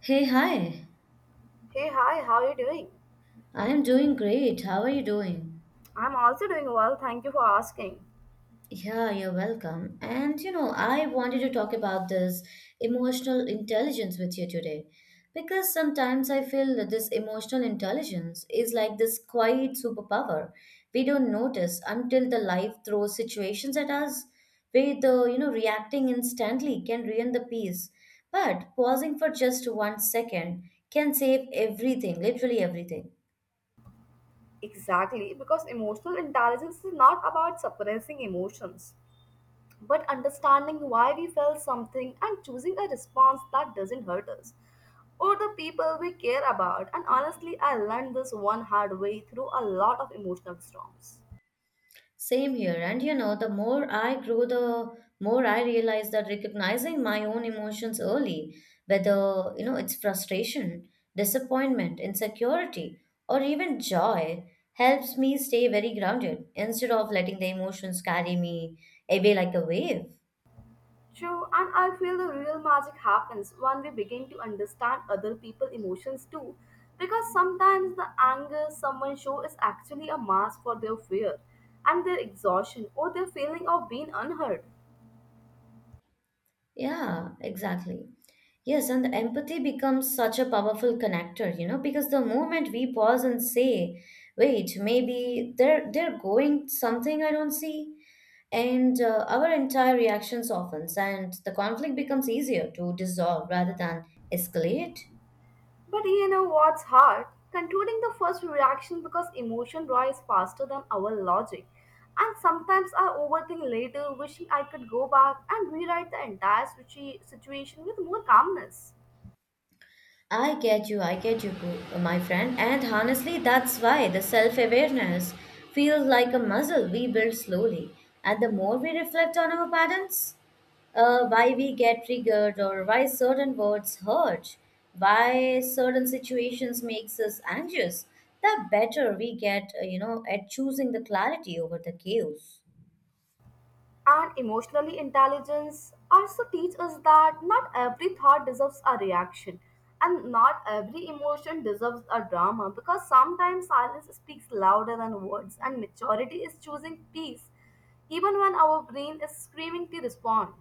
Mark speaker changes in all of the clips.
Speaker 1: Hey, hi.
Speaker 2: Hey, hi, how are you doing?
Speaker 1: I am doing great. How are you doing?
Speaker 2: I'm also doing well, thank you for asking.
Speaker 1: Yeah, you're welcome. And you know, I wanted to talk about this emotional intelligence with you today because sometimes I feel that this emotional intelligence is like this quiet superpower we don't notice until the life throws situations at us where the reacting instantly can ruin the peace. But pausing for just 1 second can save everything, literally everything.
Speaker 2: Exactly, because emotional intelligence is not about suppressing emotions, but understanding why we felt something and choosing a response that doesn't hurt us or the people we care about. And honestly, I learned this one hard way through a lot of emotional storms.
Speaker 1: Same here. And you know, the more I grow, the more I realize that recognizing my own emotions early, whether, you know, it's frustration, disappointment, insecurity, or even joy, helps me stay very grounded instead of letting the emotions carry me away like a wave.
Speaker 2: True, and I feel the real magic happens when we begin to understand other people's emotions too. Because sometimes the anger someone shows is actually a mask for their fear and their exhaustion or their feeling of being unheard.
Speaker 1: Yeah, exactly. Yes, and the empathy becomes such a powerful connector, you know, because the moment we pause and say, wait, maybe they're going something I don't see, and our entire reactions softens and the conflict becomes easier to dissolve rather than escalate.
Speaker 2: But you know what's hard? Controlling the first reaction because emotion rise faster than our logic. And sometimes I overthink later, wishing I could go back and rewrite the entire situation with more calmness.
Speaker 1: I get you, I get you, my friend, and honestly that's why the self-awareness feels like a muscle we build slowly, and the more we reflect on our patterns, why we get triggered or why certain words hurt, why certain situations makes us anxious, the better we get at choosing the clarity over the chaos.
Speaker 2: And emotional intelligence also teach us that not every thought deserves a reaction and not every emotion deserves a drama, because sometimes silence speaks louder than words and maturity is choosing peace even when our brain is screaming to respond.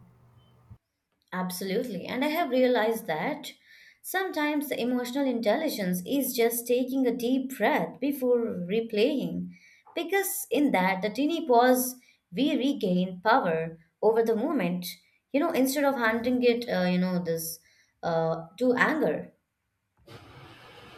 Speaker 1: Absolutely. And I have realized that sometimes the emotional intelligence is just taking a deep breath before replaying, because in that, the teeny pause, we regain power over the moment, you know, instead of handing it, you know, this to anger.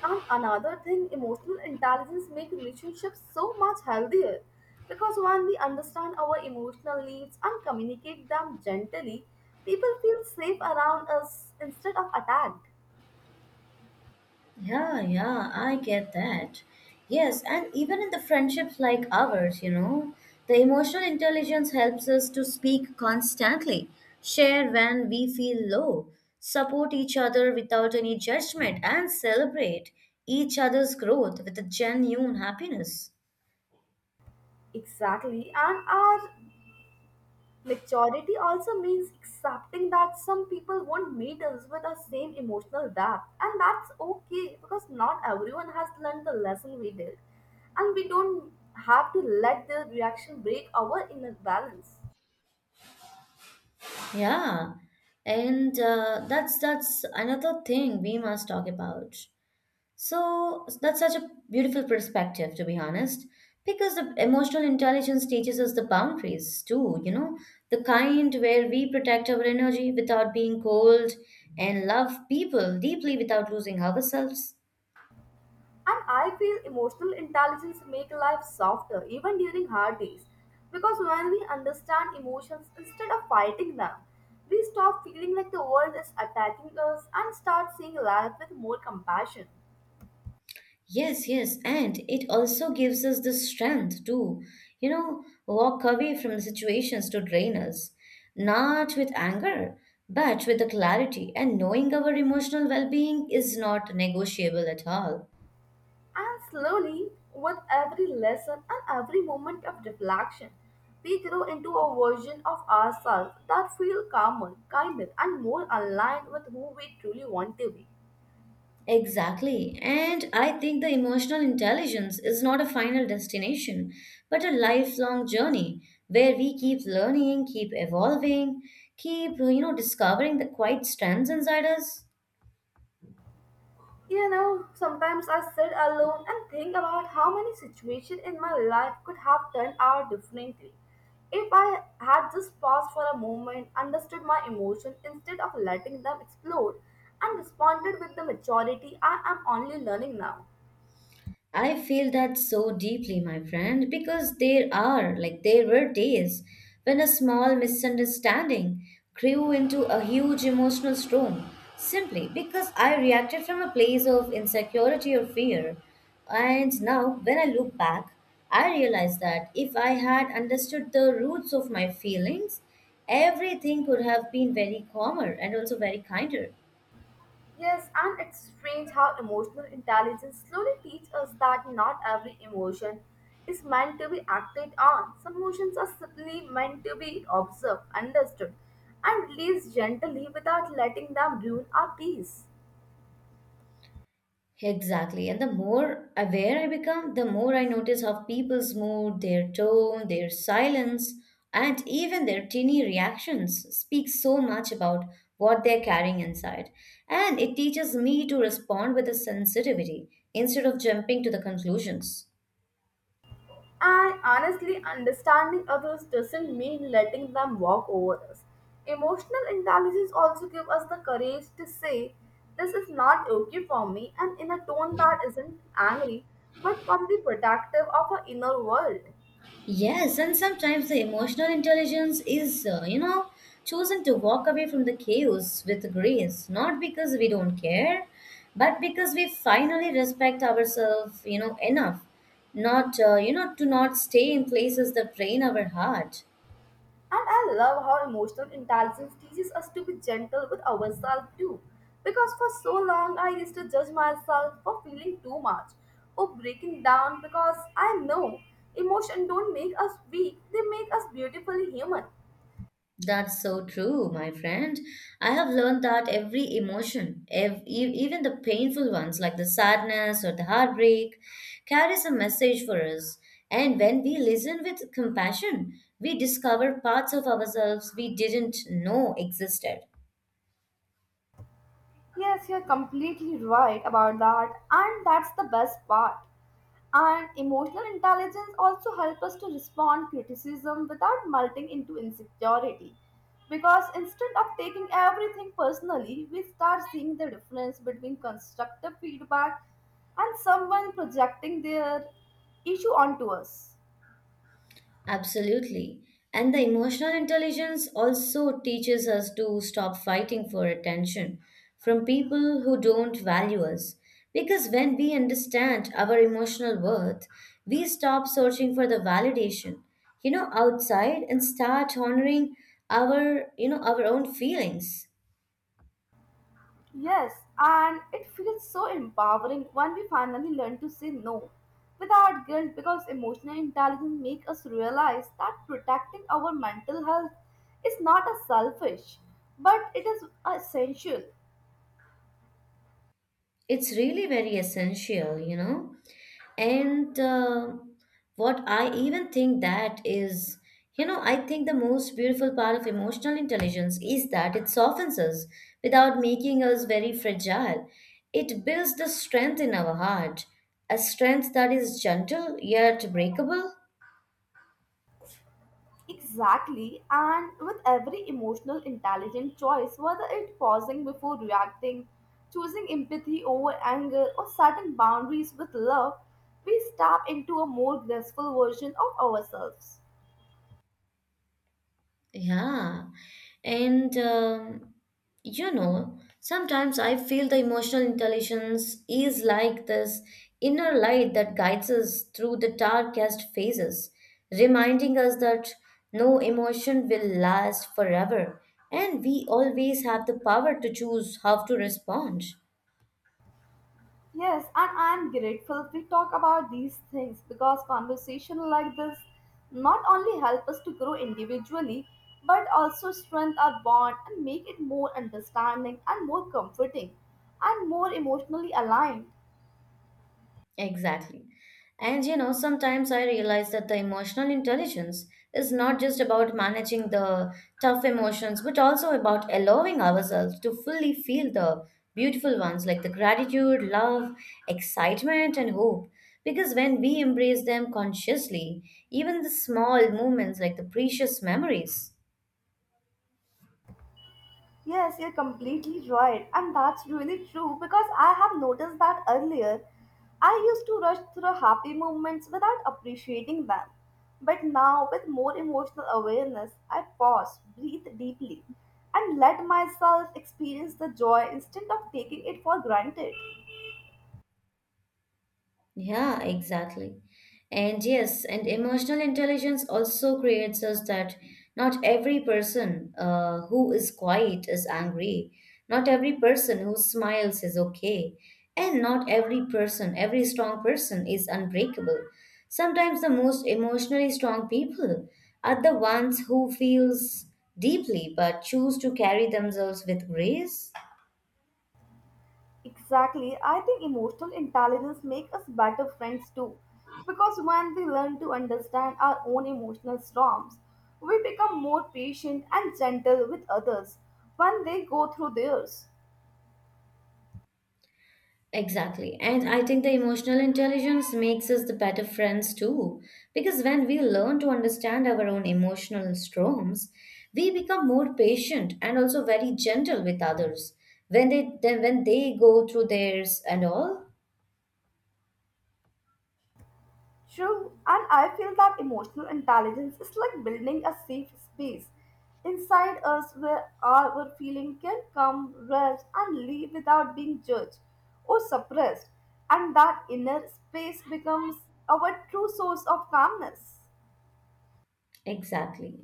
Speaker 2: And another thing, emotional intelligence make relationships so much healthier because when we understand our emotional needs and communicate them gently, people feel safe around us instead of attacked.
Speaker 1: Yeah, yeah, I get that. Yes, and even in the friendships like ours, you know, the emotional intelligence helps us to speak constantly, share when we feel low, support each other without any judgment, and celebrate each other's growth with a genuine happiness.
Speaker 2: Exactly. And our maturity also means accepting that some people won't meet us with the same emotional depth. And that's okay because not everyone has learned the lesson we did. And we don't have to let the reaction break our inner balance.
Speaker 1: Yeah, and that's another thing we must talk about. So that's such a beautiful perspective, to be honest, because the emotional intelligence teaches us the boundaries too, you know, the kind where we protect our energy without being cold and love people deeply without losing ourselves.
Speaker 2: And I feel emotional intelligence make life softer even during hard days, because when we understand emotions instead of fighting them, we stop feeling like the world is attacking us and start seeing life with more compassion.
Speaker 1: Yes, yes, and it also gives us the strength to, you know, walk away from the situations to drain us, not with anger, but with the clarity and knowing our emotional well being is not negotiable at all.
Speaker 2: And slowly, with every lesson and every moment of reflection, we grow into a version of ourselves that feel calmer, kinder, and more aligned with who we truly want to be.
Speaker 1: Exactly. And I think the emotional intelligence is not a final destination, but a lifelong journey where we keep learning, keep evolving, keep, you know, discovering the quiet strengths inside us.
Speaker 2: You know, sometimes I sit alone and think about how many situations in my life could have turned out differently if I had just paused for a moment, understood my emotions instead of letting them explode, and responded with the maturity I am only learning now.
Speaker 1: I feel that so deeply, my friend, because there are, like, there were days when a small misunderstanding grew into a huge emotional storm simply because I reacted from a place of insecurity or fear. And now, when I look back, I realize that if I had understood the roots of my feelings, everything could have been very calmer and also very kinder.
Speaker 2: Yes, and it's strange how emotional intelligence slowly teaches us that not every emotion is meant to be acted on. Some emotions are simply meant to be observed, understood, and released gently without letting them ruin our peace.
Speaker 1: Exactly. And the more aware I become, the more I notice how people's mood, their tone, their silence, and even their teeny reactions speak so much about what they're carrying inside. And it teaches me to respond with a sensitivity instead of jumping to the conclusions.
Speaker 2: And honestly, understanding others doesn't mean letting them walk over us. Emotional intelligence also gives us the courage to say, "This is not okay for me," and in a tone that isn't angry but firmly protective of our inner world.
Speaker 1: Yes, and sometimes the emotional intelligence is, chosen to walk away from the chaos with grace, not because we don't care, but because we finally respect ourselves, you know, enough, not to not stay in places that drain our heart.
Speaker 2: And I love how emotional intelligence teaches us to be gentle with ourselves too. Because for so long I used to judge myself for feeling too much or breaking down, because I know emotion don't make us weak, they make us beautifully human.
Speaker 1: That's so true, my friend. I have learned that every emotion, even the painful ones like the sadness or the heartbreak, carries a message for us. And when we listen with compassion, we discover parts of ourselves we didn't know existed.
Speaker 2: Yes, you're completely right about that, and that's the best part. And emotional intelligence also helps us to respond criticism without melting into insecurity. Because instead of taking everything personally, we start seeing the difference between constructive feedback and someone projecting their issue onto us.
Speaker 1: Absolutely. And the emotional intelligence also teaches us to stop fighting for attention from people who don't value us. Because when we understand our emotional worth, we stop searching for the validation, you know, outside and start honoring our own feelings.
Speaker 2: Yes, and it feels so empowering when we finally learn to say no without guilt, because emotional intelligence makes us realize that protecting our mental health is not a selfish but it is essential.
Speaker 1: It's really very essential, you know. And what I even think that is, you know, I think the most beautiful part of emotional intelligence is that it softens us without making us very fragile. It builds the strength in our heart, a strength that is gentle yet breakable.
Speaker 2: Exactly, and with every emotional intelligent choice, whether it's pausing before reacting, choosing empathy over anger, or setting boundaries with love, we step into a more graceful version of ourselves.
Speaker 1: Yeah. And you know, sometimes I feel the emotional intelligence is like this inner light that guides us through the darkest phases, reminding us that no emotion will last forever, and we always have the power to choose how to respond.
Speaker 2: Yes, and I'm grateful we talk about these things because conversation like this not only help us to grow individually but also strengthen our bond and make it more understanding and more comforting and more emotionally aligned.
Speaker 1: Exactly. And you know, sometimes I realize that the emotional intelligence is not just about managing the tough emotions, but also about allowing ourselves to fully feel the beautiful ones like the gratitude, love, excitement, and hope. Because when we embrace them consciously, even the small moments like the precious memories,
Speaker 2: Yes, you're completely right. And that's really true because I have noticed that earlier I used to rush through happy moments without appreciating them. But now, with more emotional awareness, I pause, breathe deeply, and let myself experience the joy instead of taking it for granted.
Speaker 1: yeah, exactly. And yes, and emotional intelligence also creates us that not every person who is quiet is angry. Not every person who smiles is okay. And not every person, every strong person is unbreakable. Sometimes the most emotionally strong people are the ones who feels deeply but choose to carry themselves with grace.
Speaker 2: Exactly. I think emotional intelligence makes us better friends too. Because when we learn to understand our own emotional storms, we become more patient and gentle with others when they go through theirs.
Speaker 1: Exactly. And I think the emotional intelligence makes us the better friends too. Because when we learn to understand our own emotional storms, we become more patient and also very gentle with others when they go through theirs and all.
Speaker 2: True, and I feel that emotional intelligence is like building a safe space inside us where our feeling can come, rest, and leave without being judged or suppressed, and that inner space becomes our true source of calmness.
Speaker 1: Exactly.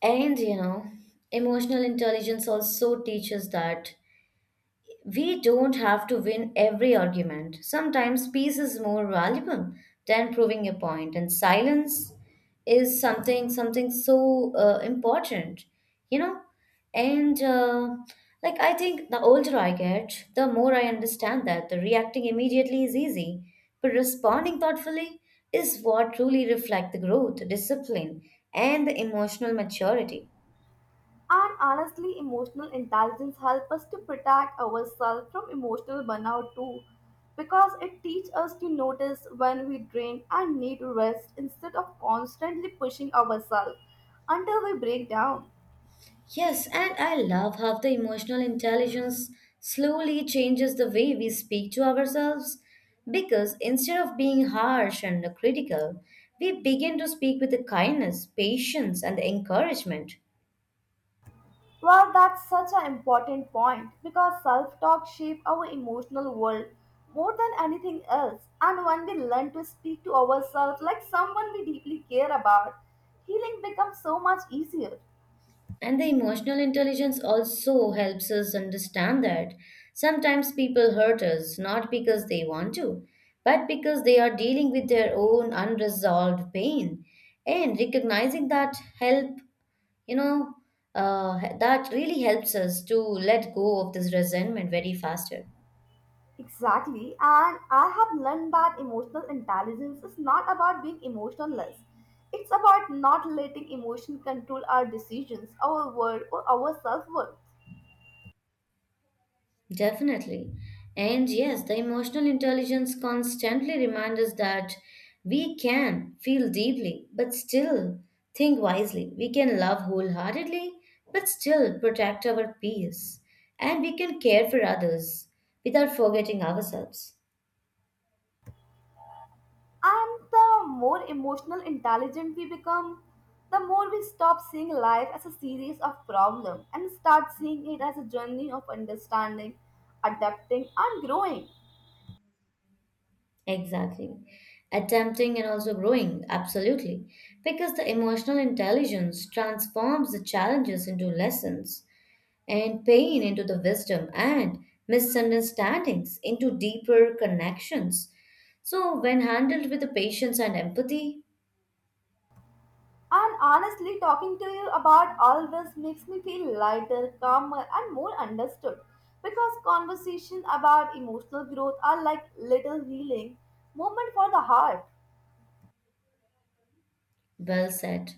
Speaker 1: And you know, emotional intelligence also teaches that we don't have to win every argument. Sometimes peace is more valuable than proving a point, and silence is something so important, you know. And like I think the older I get, the more I understand that the reacting immediately is easy, but responding thoughtfully is what truly reflect the growth, discipline, and the emotional maturity.
Speaker 2: And honestly, emotional intelligence helps us to protect ourselves from emotional burnout too, because it teaches us to notice when we drain and need rest instead of constantly pushing ourselves until we break down.
Speaker 1: Yes, and I love how the emotional intelligence slowly changes the way we speak to ourselves because instead of being harsh and critical, we begin to speak with the kindness, patience, and the encouragement.
Speaker 2: Well, that's such an important point because self talk shapes our emotional world more than anything else. And when we learn to speak to ourselves like someone we deeply care about, healing becomes so much easier.
Speaker 1: And the emotional intelligence also helps us understand that sometimes people hurt us not because they want to, but because they are dealing with their own unresolved pain. And recognizing that help, you know, that really helps us to let go of this resentment very faster.
Speaker 2: Exactly, and I have learned that emotional intelligence is not about being emotionless. It's about not letting emotion control our decisions, our world, or our self worth.
Speaker 1: Definitely. And yes, the emotional intelligence constantly reminds us that we can feel deeply, but still think wisely. We can love wholeheartedly, but still protect our peace. And we can care for others without forgetting ourselves.
Speaker 2: And the more emotional intelligent we become, the more we stop seeing life as a series of problems and start seeing it as a journey of understanding, adapting, and growing.
Speaker 1: Exactly. Attempting and also growing, absolutely. Because the emotional intelligence transforms the challenges into lessons and pain into the wisdom and misunderstandings into deeper connections. So, when handled with the patience and empathy,
Speaker 2: And honestly, talking to you about all this makes me feel lighter, calmer, and more understood. Because conversations about emotional growth are like little healing moment for the heart.
Speaker 1: well said.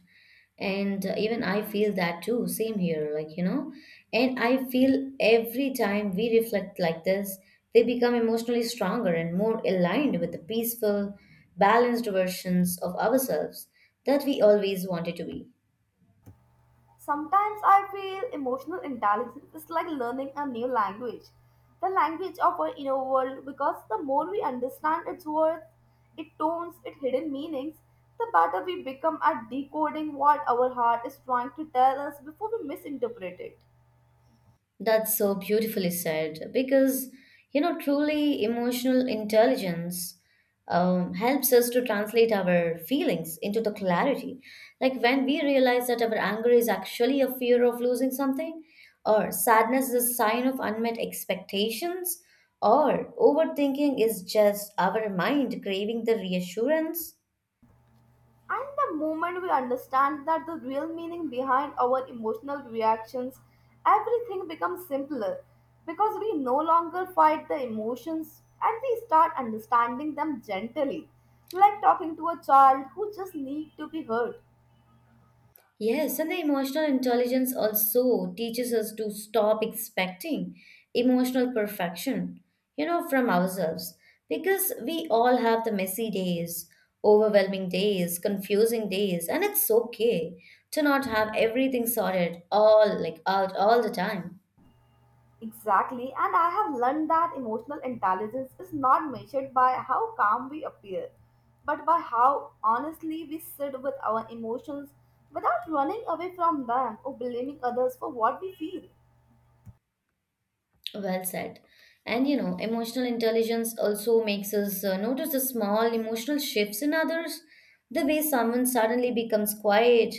Speaker 1: And even I feel that too. Same here, like, you know. And I feel every time we reflect like this, they become emotionally stronger and more aligned with the peaceful, balanced versions of ourselves that we always wanted to be.
Speaker 2: Sometimes I feel emotional intelligence is like learning a new language, the language of our inner world. Because the more we understand its words, its tones, its hidden meanings, the better we become at decoding what our heart is trying to tell us before we misinterpret it.
Speaker 1: That's so beautifully said because, you know, truly emotional intelligence helps us to translate our feelings into the clarity. Like when we realize that our anger is actually a fear of losing something, or sadness is a sign of unmet expectations, or overthinking is just our mind craving the reassurance.
Speaker 2: And the moment we understand that the real meaning behind our emotional reactions, everything becomes simpler because we no longer fight the emotions and we start understanding them gently, like talking to a child who just needs to be heard.
Speaker 1: Yes, and the emotional intelligence also teaches us to stop expecting emotional perfection, you know, from ourselves. Because we all have the messy days, overwhelming days, confusing days, and it's okay to not have everything sorted all like out all the time.
Speaker 2: Exactly, and I have learned that emotional intelligence is not measured by how calm we appear, but by how honestly we sit with our emotions without running away from them or blaming others for what we feel.
Speaker 1: Well said. And you know, emotional intelligence also makes us notice the small emotional shifts in others. The way someone suddenly becomes quiet,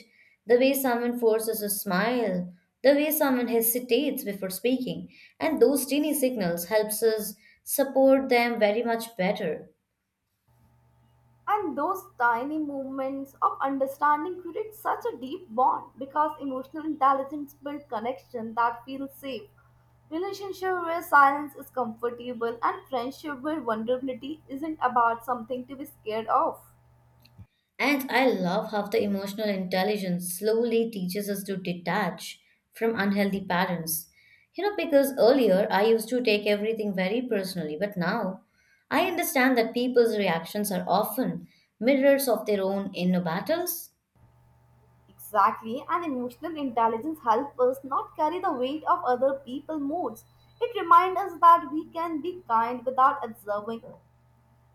Speaker 1: the way someone forces a smile, the way someone hesitates before speaking. And those teeny signals helps us support them very much better.
Speaker 2: And those tiny movements of understanding create such a deep bond because emotional intelligence builds connection that feels safe. Relationship where silence is comfortable and friendship where vulnerability isn't about something to be scared of.
Speaker 1: And I love how the emotional intelligence slowly teaches us to detach from unhealthy patterns. You know, because earlier I used to take everything very personally, but now I understand that people's reactions are often mirrors of their own inner battles.
Speaker 2: Exactly, and emotional intelligence helps us not carry the weight of other people's moods. It reminds us that we can be kind without observing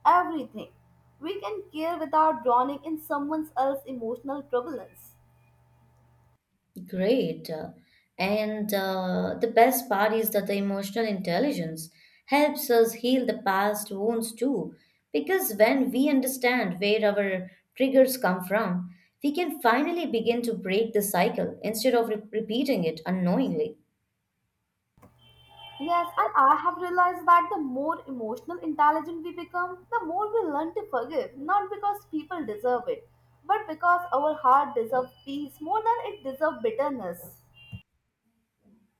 Speaker 2: everything. We can care without drowning in someone else's emotional turbulence.
Speaker 1: Great. And the best part is that the emotional intelligence helps us heal the past wounds too. Because when we understand where our triggers come from, we can finally begin to break the cycle instead of repeating it unknowingly.
Speaker 2: Yes, and I have realized that the more emotional intelligent we become, the more we learn to forgive, not because people deserve it, but because our heart deserves peace more than it deserves bitterness.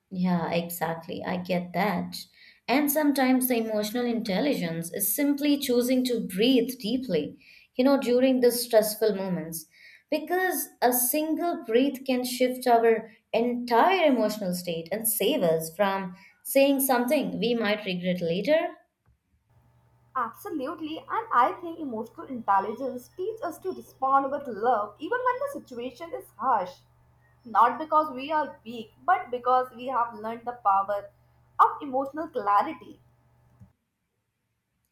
Speaker 1: Yeah, exactly. I get that. And sometimes the emotional intelligence is simply choosing to breathe deeply, you know, during the stressful moments, because a single breath can shift our entire emotional state and save us from saying something we might regret later.
Speaker 2: Absolutely, and I think emotional intelligence teaches us to respond with love even when the situation is harsh. Not because we are weak, but because we have learned the power of emotional clarity.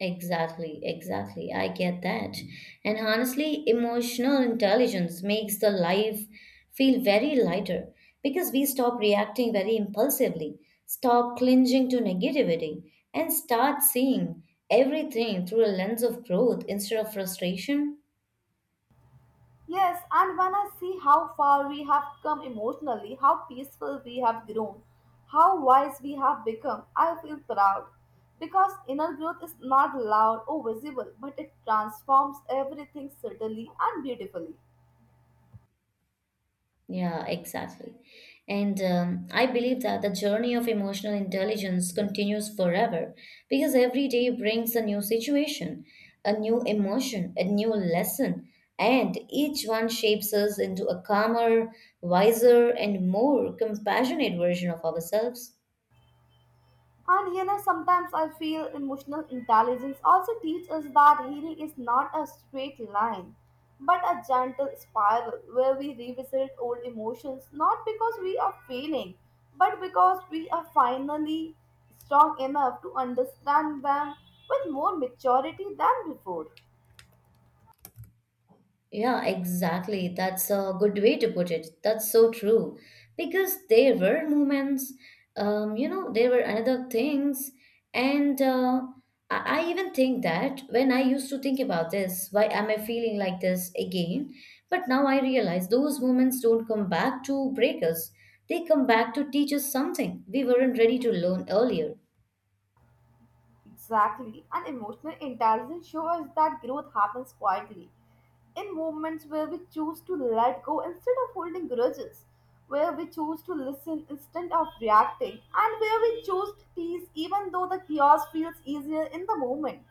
Speaker 1: Exactly, exactly. I get that. And honestly, emotional intelligence makes the life feel very lighter because we stop reacting very impulsively, stop clinging to negativity, and start seeing everything through a lens of growth instead of frustration.
Speaker 2: Yes, and when I see how far we have come emotionally, how peaceful we have grown, how wise we have become, I feel proud. Because inner growth is not loud or visible, but it transforms everything subtly and beautifully.
Speaker 1: Yeah, exactly. And I believe that the journey of emotional intelligence continues forever because every day brings a new situation, a new emotion, a new lesson, and each one shapes us into a calmer, wiser, and more compassionate version of ourselves.
Speaker 2: And you know, sometimes I feel emotional intelligence also teaches us that healing is not a straight line, but a gentle spiral where we revisit old emotions not because we are failing, but because we are finally strong enough to understand them with more maturity than before.
Speaker 1: Yeah, exactly. That's a good way to put it. That's so true. Because there were moments, there were another things. And I even think that when I used to think about this, why am I feeling like this again? But now I realize those moments don't come back to break us, they come back to teach us something we weren't ready to learn earlier.
Speaker 2: Exactly. And emotional intelligence shows us that growth happens quietly, in moments where we choose to let go instead of holding grudges, where we choose to listen instead of reacting, and where we choose to peace even though the chaos feels easier in the moment.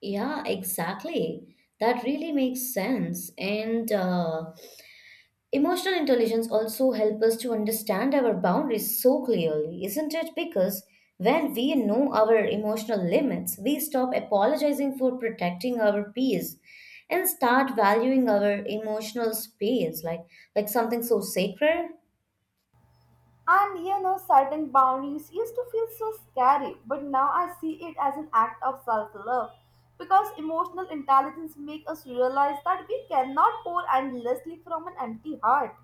Speaker 1: Yeah, exactly. That really makes sense. And Emotional intelligence also helps us to understand our boundaries so clearly, isn't it? Because when we know our emotional limits, we stop apologizing for protecting our peace and start valuing our emotional space like something so sacred.
Speaker 2: And you know, certain boundaries used to feel so scary, but now I see it as an act of self love. Because emotional intelligence makes us realize that we cannot pour endlessly from an empty heart.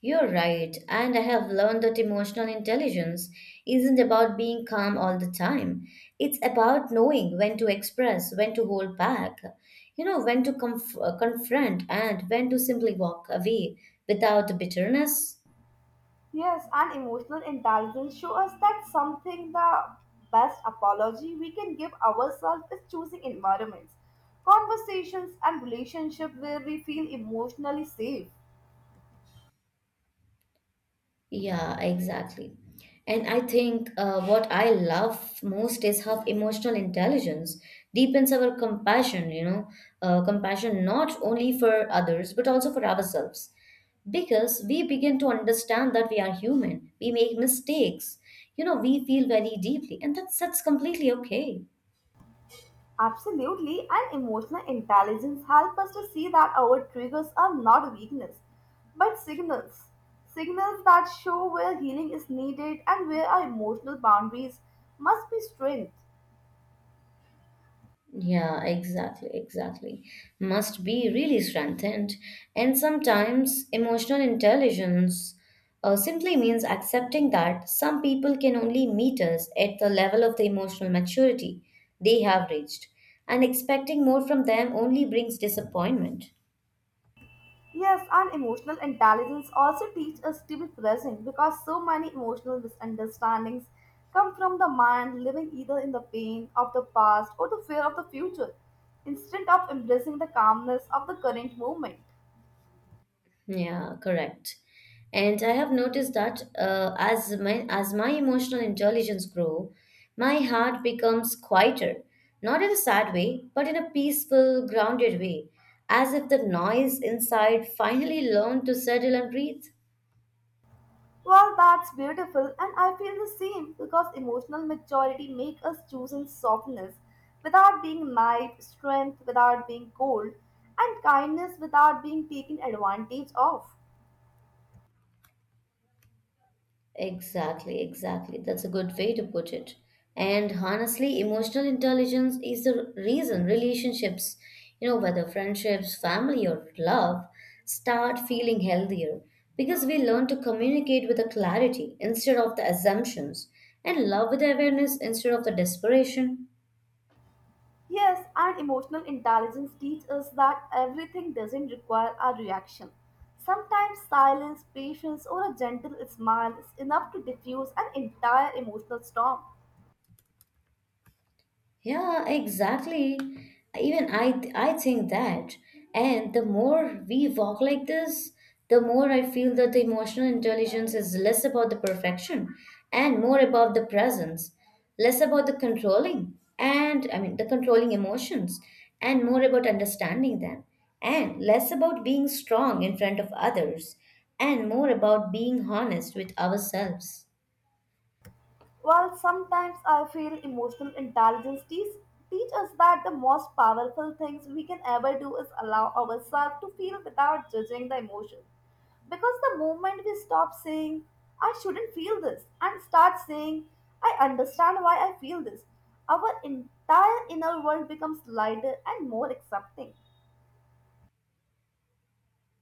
Speaker 1: You're right, and I have learned that emotional intelligence isn't about being calm all the time. It's about knowing when to express, when to hold back, you know, when to confront, and when to simply walk away without bitterness.
Speaker 2: Yes, and emotional intelligence show us that something the best apology we can give ourselves is choosing environments, conversations, and relationships where we feel emotionally safe.
Speaker 1: Yeah, exactly. And I think what I love most is how emotional intelligence deepens our compassion, you know, compassion not only for others, but also for ourselves. Because we begin to understand that we are human, we make mistakes, you know, we feel very deeply, and that's completely okay.
Speaker 2: Absolutely, and emotional intelligence help us to see that our triggers are not weakness, but signals. Signals that show where healing is needed and where our emotional boundaries must be strengthened.
Speaker 1: Yeah, exactly, exactly. Must be really strengthened. And sometimes emotional intelligence simply means accepting that some people can only meet us at the level of the emotional maturity they have reached, and expecting more from them only brings disappointment.
Speaker 2: Yes, and emotional intelligence also teaches us to be present because so many emotional misunderstandings come from the mind living either in the pain of the past or the fear of the future instead of embracing the calmness of the current moment.
Speaker 1: Yeah, correct. And I have noticed that as my emotional intelligence grow, my heart becomes quieter, not in a sad way, but in a peaceful, grounded way, as if the noise inside finally learned to settle and breathe.
Speaker 2: Well, that's beautiful, and I feel the same because emotional maturity makes us choose in softness without being naive, strength without being cold, and kindness without being taken advantage of.
Speaker 1: Exactly, exactly. That's a good way to put it. And honestly, emotional intelligence is the reason relationships, you know, whether friendships, family, or love, start feeling healthier because we learn to communicate with a clarity instead of the assumptions and love with awareness instead of the desperation.
Speaker 2: Yes, and emotional intelligence teaches us that everything doesn't require a reaction. Sometimes silence, patience, or a gentle smile is enough to diffuse an entire emotional storm.
Speaker 1: Yeah, exactly. Even I think that. And the more we walk like this, the more I feel that the emotional intelligence is less about the perfection and more about the presence, less about the controlling and I mean the controlling emotions and more about understanding them and less about being strong in front of others and more about being honest with ourselves.
Speaker 2: While sometimes I feel emotional intelligence teach us that the most powerful things we can ever do is allow ourselves to feel without judging the emotion. Because the moment we stop saying, "I shouldn't feel this," and start saying, "I understand why I feel this," our entire inner world becomes lighter and more accepting.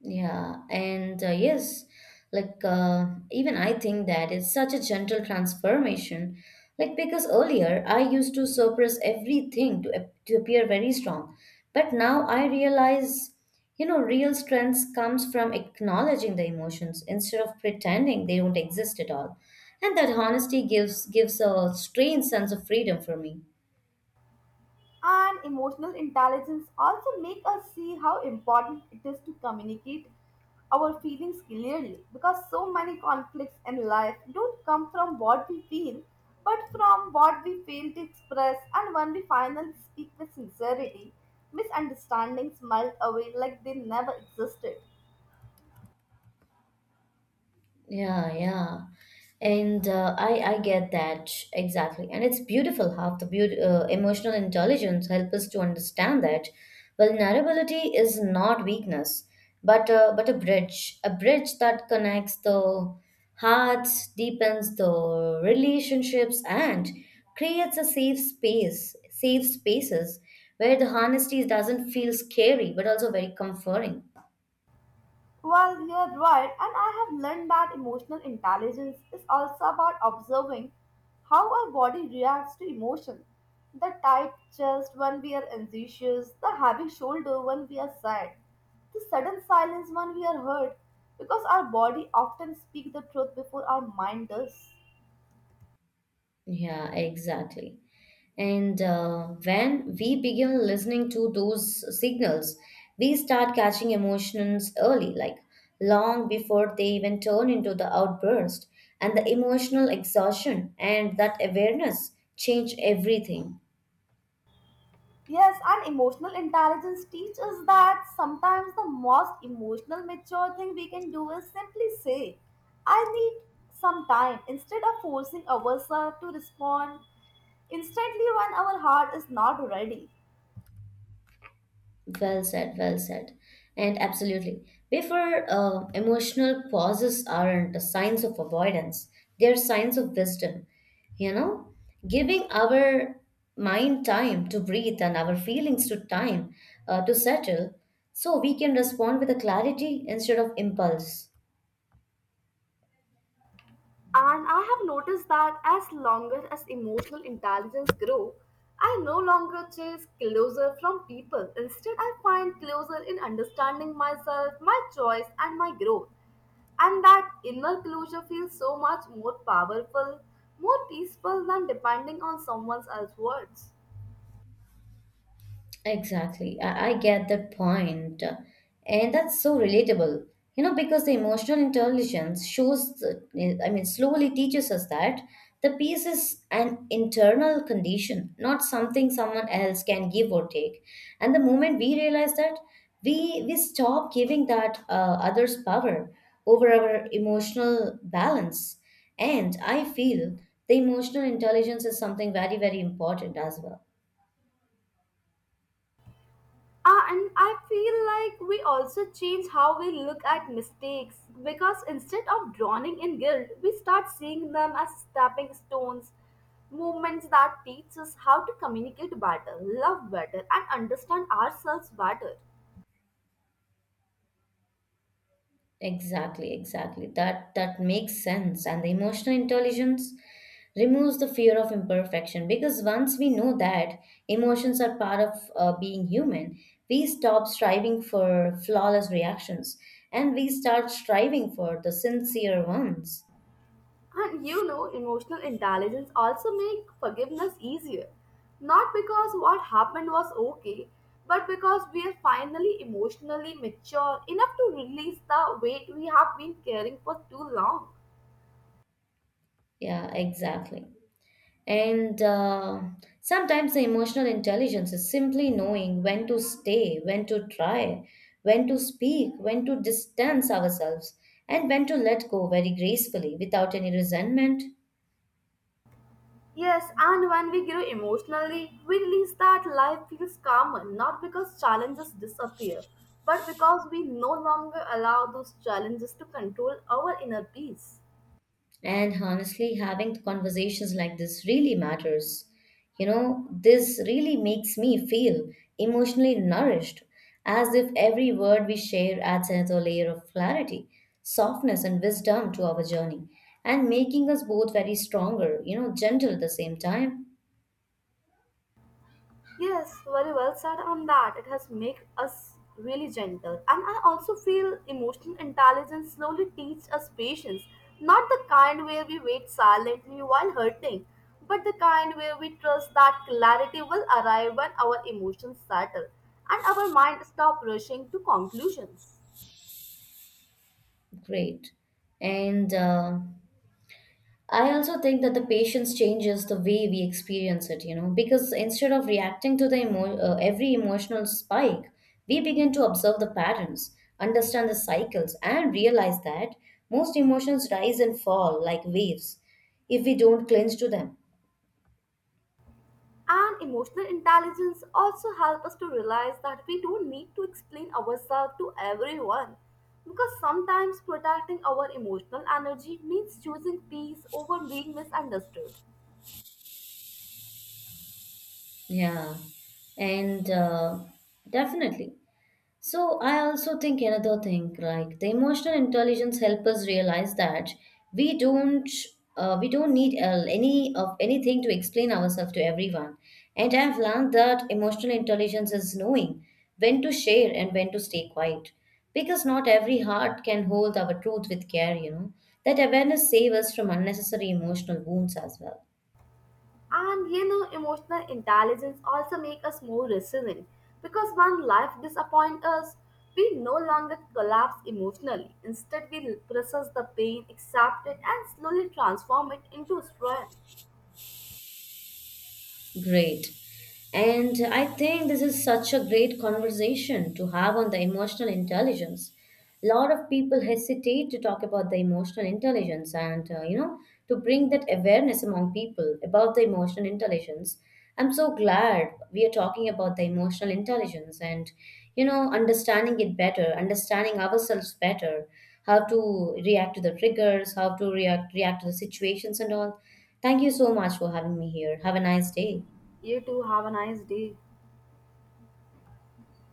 Speaker 1: Yeah, and yes, like even I think that it's such a gentle transformation. Like because earlier I used to suppress everything to to appear very strong, but now I realize, you know, real strength comes from acknowledging the emotions instead of pretending they don't exist at all, and that honesty gives a strange sense of freedom for me.
Speaker 2: And emotional intelligence also make us see how important it is to communicate our feelings clearly, because so many conflicts in life don't come from what we feel but from what we fail to express, and when we finally speak with sincerity, misunderstandings melt away like they never existed.
Speaker 1: Yeah, yeah. And I get that exactly. And it's beautiful how the emotional intelligence help us to understand that vulnerability is not weakness, but a bridge that connects the hearts, deepens the relationships, and creates a safe space, safe spaces where the honesty doesn't feel scary, but also very comforting.
Speaker 2: Well, you're right, and I have learned that emotional intelligence is also about observing how our body reacts to emotion. The tight chest when we are anxious, the heavy shoulder when we are sad, the sudden silence when we are hurt, because our body often speaks the truth before our mind does.
Speaker 1: Yeah, exactly. And when we begin listening to those signals, we start catching emotions early, like long before they even turn into the outburst. And the emotional exhaustion and that awareness change everything.
Speaker 2: Yes, and emotional intelligence teaches that sometimes the most emotional mature thing we can do is simply say, "I need some time," instead of forcing ourselves to respond instantly when our heart is not ready.
Speaker 1: Well said, well said. And absolutely. Before emotional pauses aren't signs of avoidance, they're signs of wisdom. You know, giving our mind time to breathe and our feelings to time to settle so we can respond with a clarity instead of impulse.
Speaker 2: And I have noticed that as longer as emotional intelligence grow, I no longer chase closer from people. Instead, I find closer in understanding myself, my choice, and my growth. And that inner closure feels so much more powerful, more peaceful than depending on someone else's words.
Speaker 1: Exactly. I get that point. And that's so relatable. You know, because the emotional intelligence shows, the, I mean, slowly teaches us that the peace is an internal condition, not something someone else can give or take. And the moment we realize that, we stop giving that others power over our emotional balance. And I feel the emotional intelligence is something very, very important as well.
Speaker 2: Ah, and I feel like we also change how we look at mistakes because instead of drowning in guilt, we start seeing them as stepping stones, movements that teach us how to communicate better, love better, and understand ourselves better.
Speaker 1: Exactly, exactly. That makes sense. And the emotional intelligence removes the fear of imperfection because once we know that emotions are part of being human, we stop striving for flawless reactions and we start striving for the sincere ones.
Speaker 2: And you know, emotional intelligence also make forgiveness easier. Not because what happened was okay, but because we are finally emotionally mature enough to release the weight we have been carrying for too long.
Speaker 1: Yeah, exactly. And sometimes the emotional intelligence is simply knowing when to stay, when to try, when to speak, when to distance ourselves, and when to let go very gracefully without any resentment.
Speaker 2: Yes, and when we grow emotionally, we release that life feels calmer, not because challenges disappear, but because we no longer allow those challenges to control our inner peace.
Speaker 1: And honestly, having conversations like this really matters. You know, this really makes me feel emotionally nourished, as if every word we share adds another layer of clarity, softness, and wisdom to our journey, and making us both very stronger, you know, gentle at the same time.
Speaker 2: Yes, very well said on that. It has made us really gentle. And I also feel emotional intelligence slowly teach us patience. Not the kind where we wait silently while hurting, but the kind where we trust that clarity will arrive when our emotions settle and our mind stop rushing to conclusions.
Speaker 1: Great. And I also think that the patience changes the way we experience it, you know, because instead of reacting to the every emotional spike, we begin to observe the patterns, understand the cycles, and realize that most emotions rise and fall like waves if we don't cling to them.
Speaker 2: And emotional intelligence also helps us to realize that we don't need to explain ourselves to everyone. Because sometimes protecting our emotional energy means choosing peace over being misunderstood.
Speaker 1: Yeah, and definitely. So I also think another thing, like the emotional intelligence help us realize that we don't we don't need any of anything to explain ourselves to everyone. And I've learned that emotional intelligence is knowing when to share and when to stay quiet, because not every heart can hold our truth with care. You know that awareness saves us from unnecessary emotional wounds as well.
Speaker 2: And you know, emotional intelligence also make us more resilient. Because when life disappoints us, we no longer collapse emotionally. Instead, we process the pain, accept it, and slowly transform it into strength.
Speaker 1: Great. And I think this is such a great conversation to have on the emotional intelligence. A lot of people hesitate to talk about the emotional intelligence and, you know, to bring that awareness among people about the emotional intelligence. I'm so glad we are talking about the emotional intelligence and, you know, understanding it better, understanding ourselves better, how to react to the triggers, how to react to the situations and all. Thank you so much for having me here. Have a nice day.
Speaker 2: You too, have a nice day.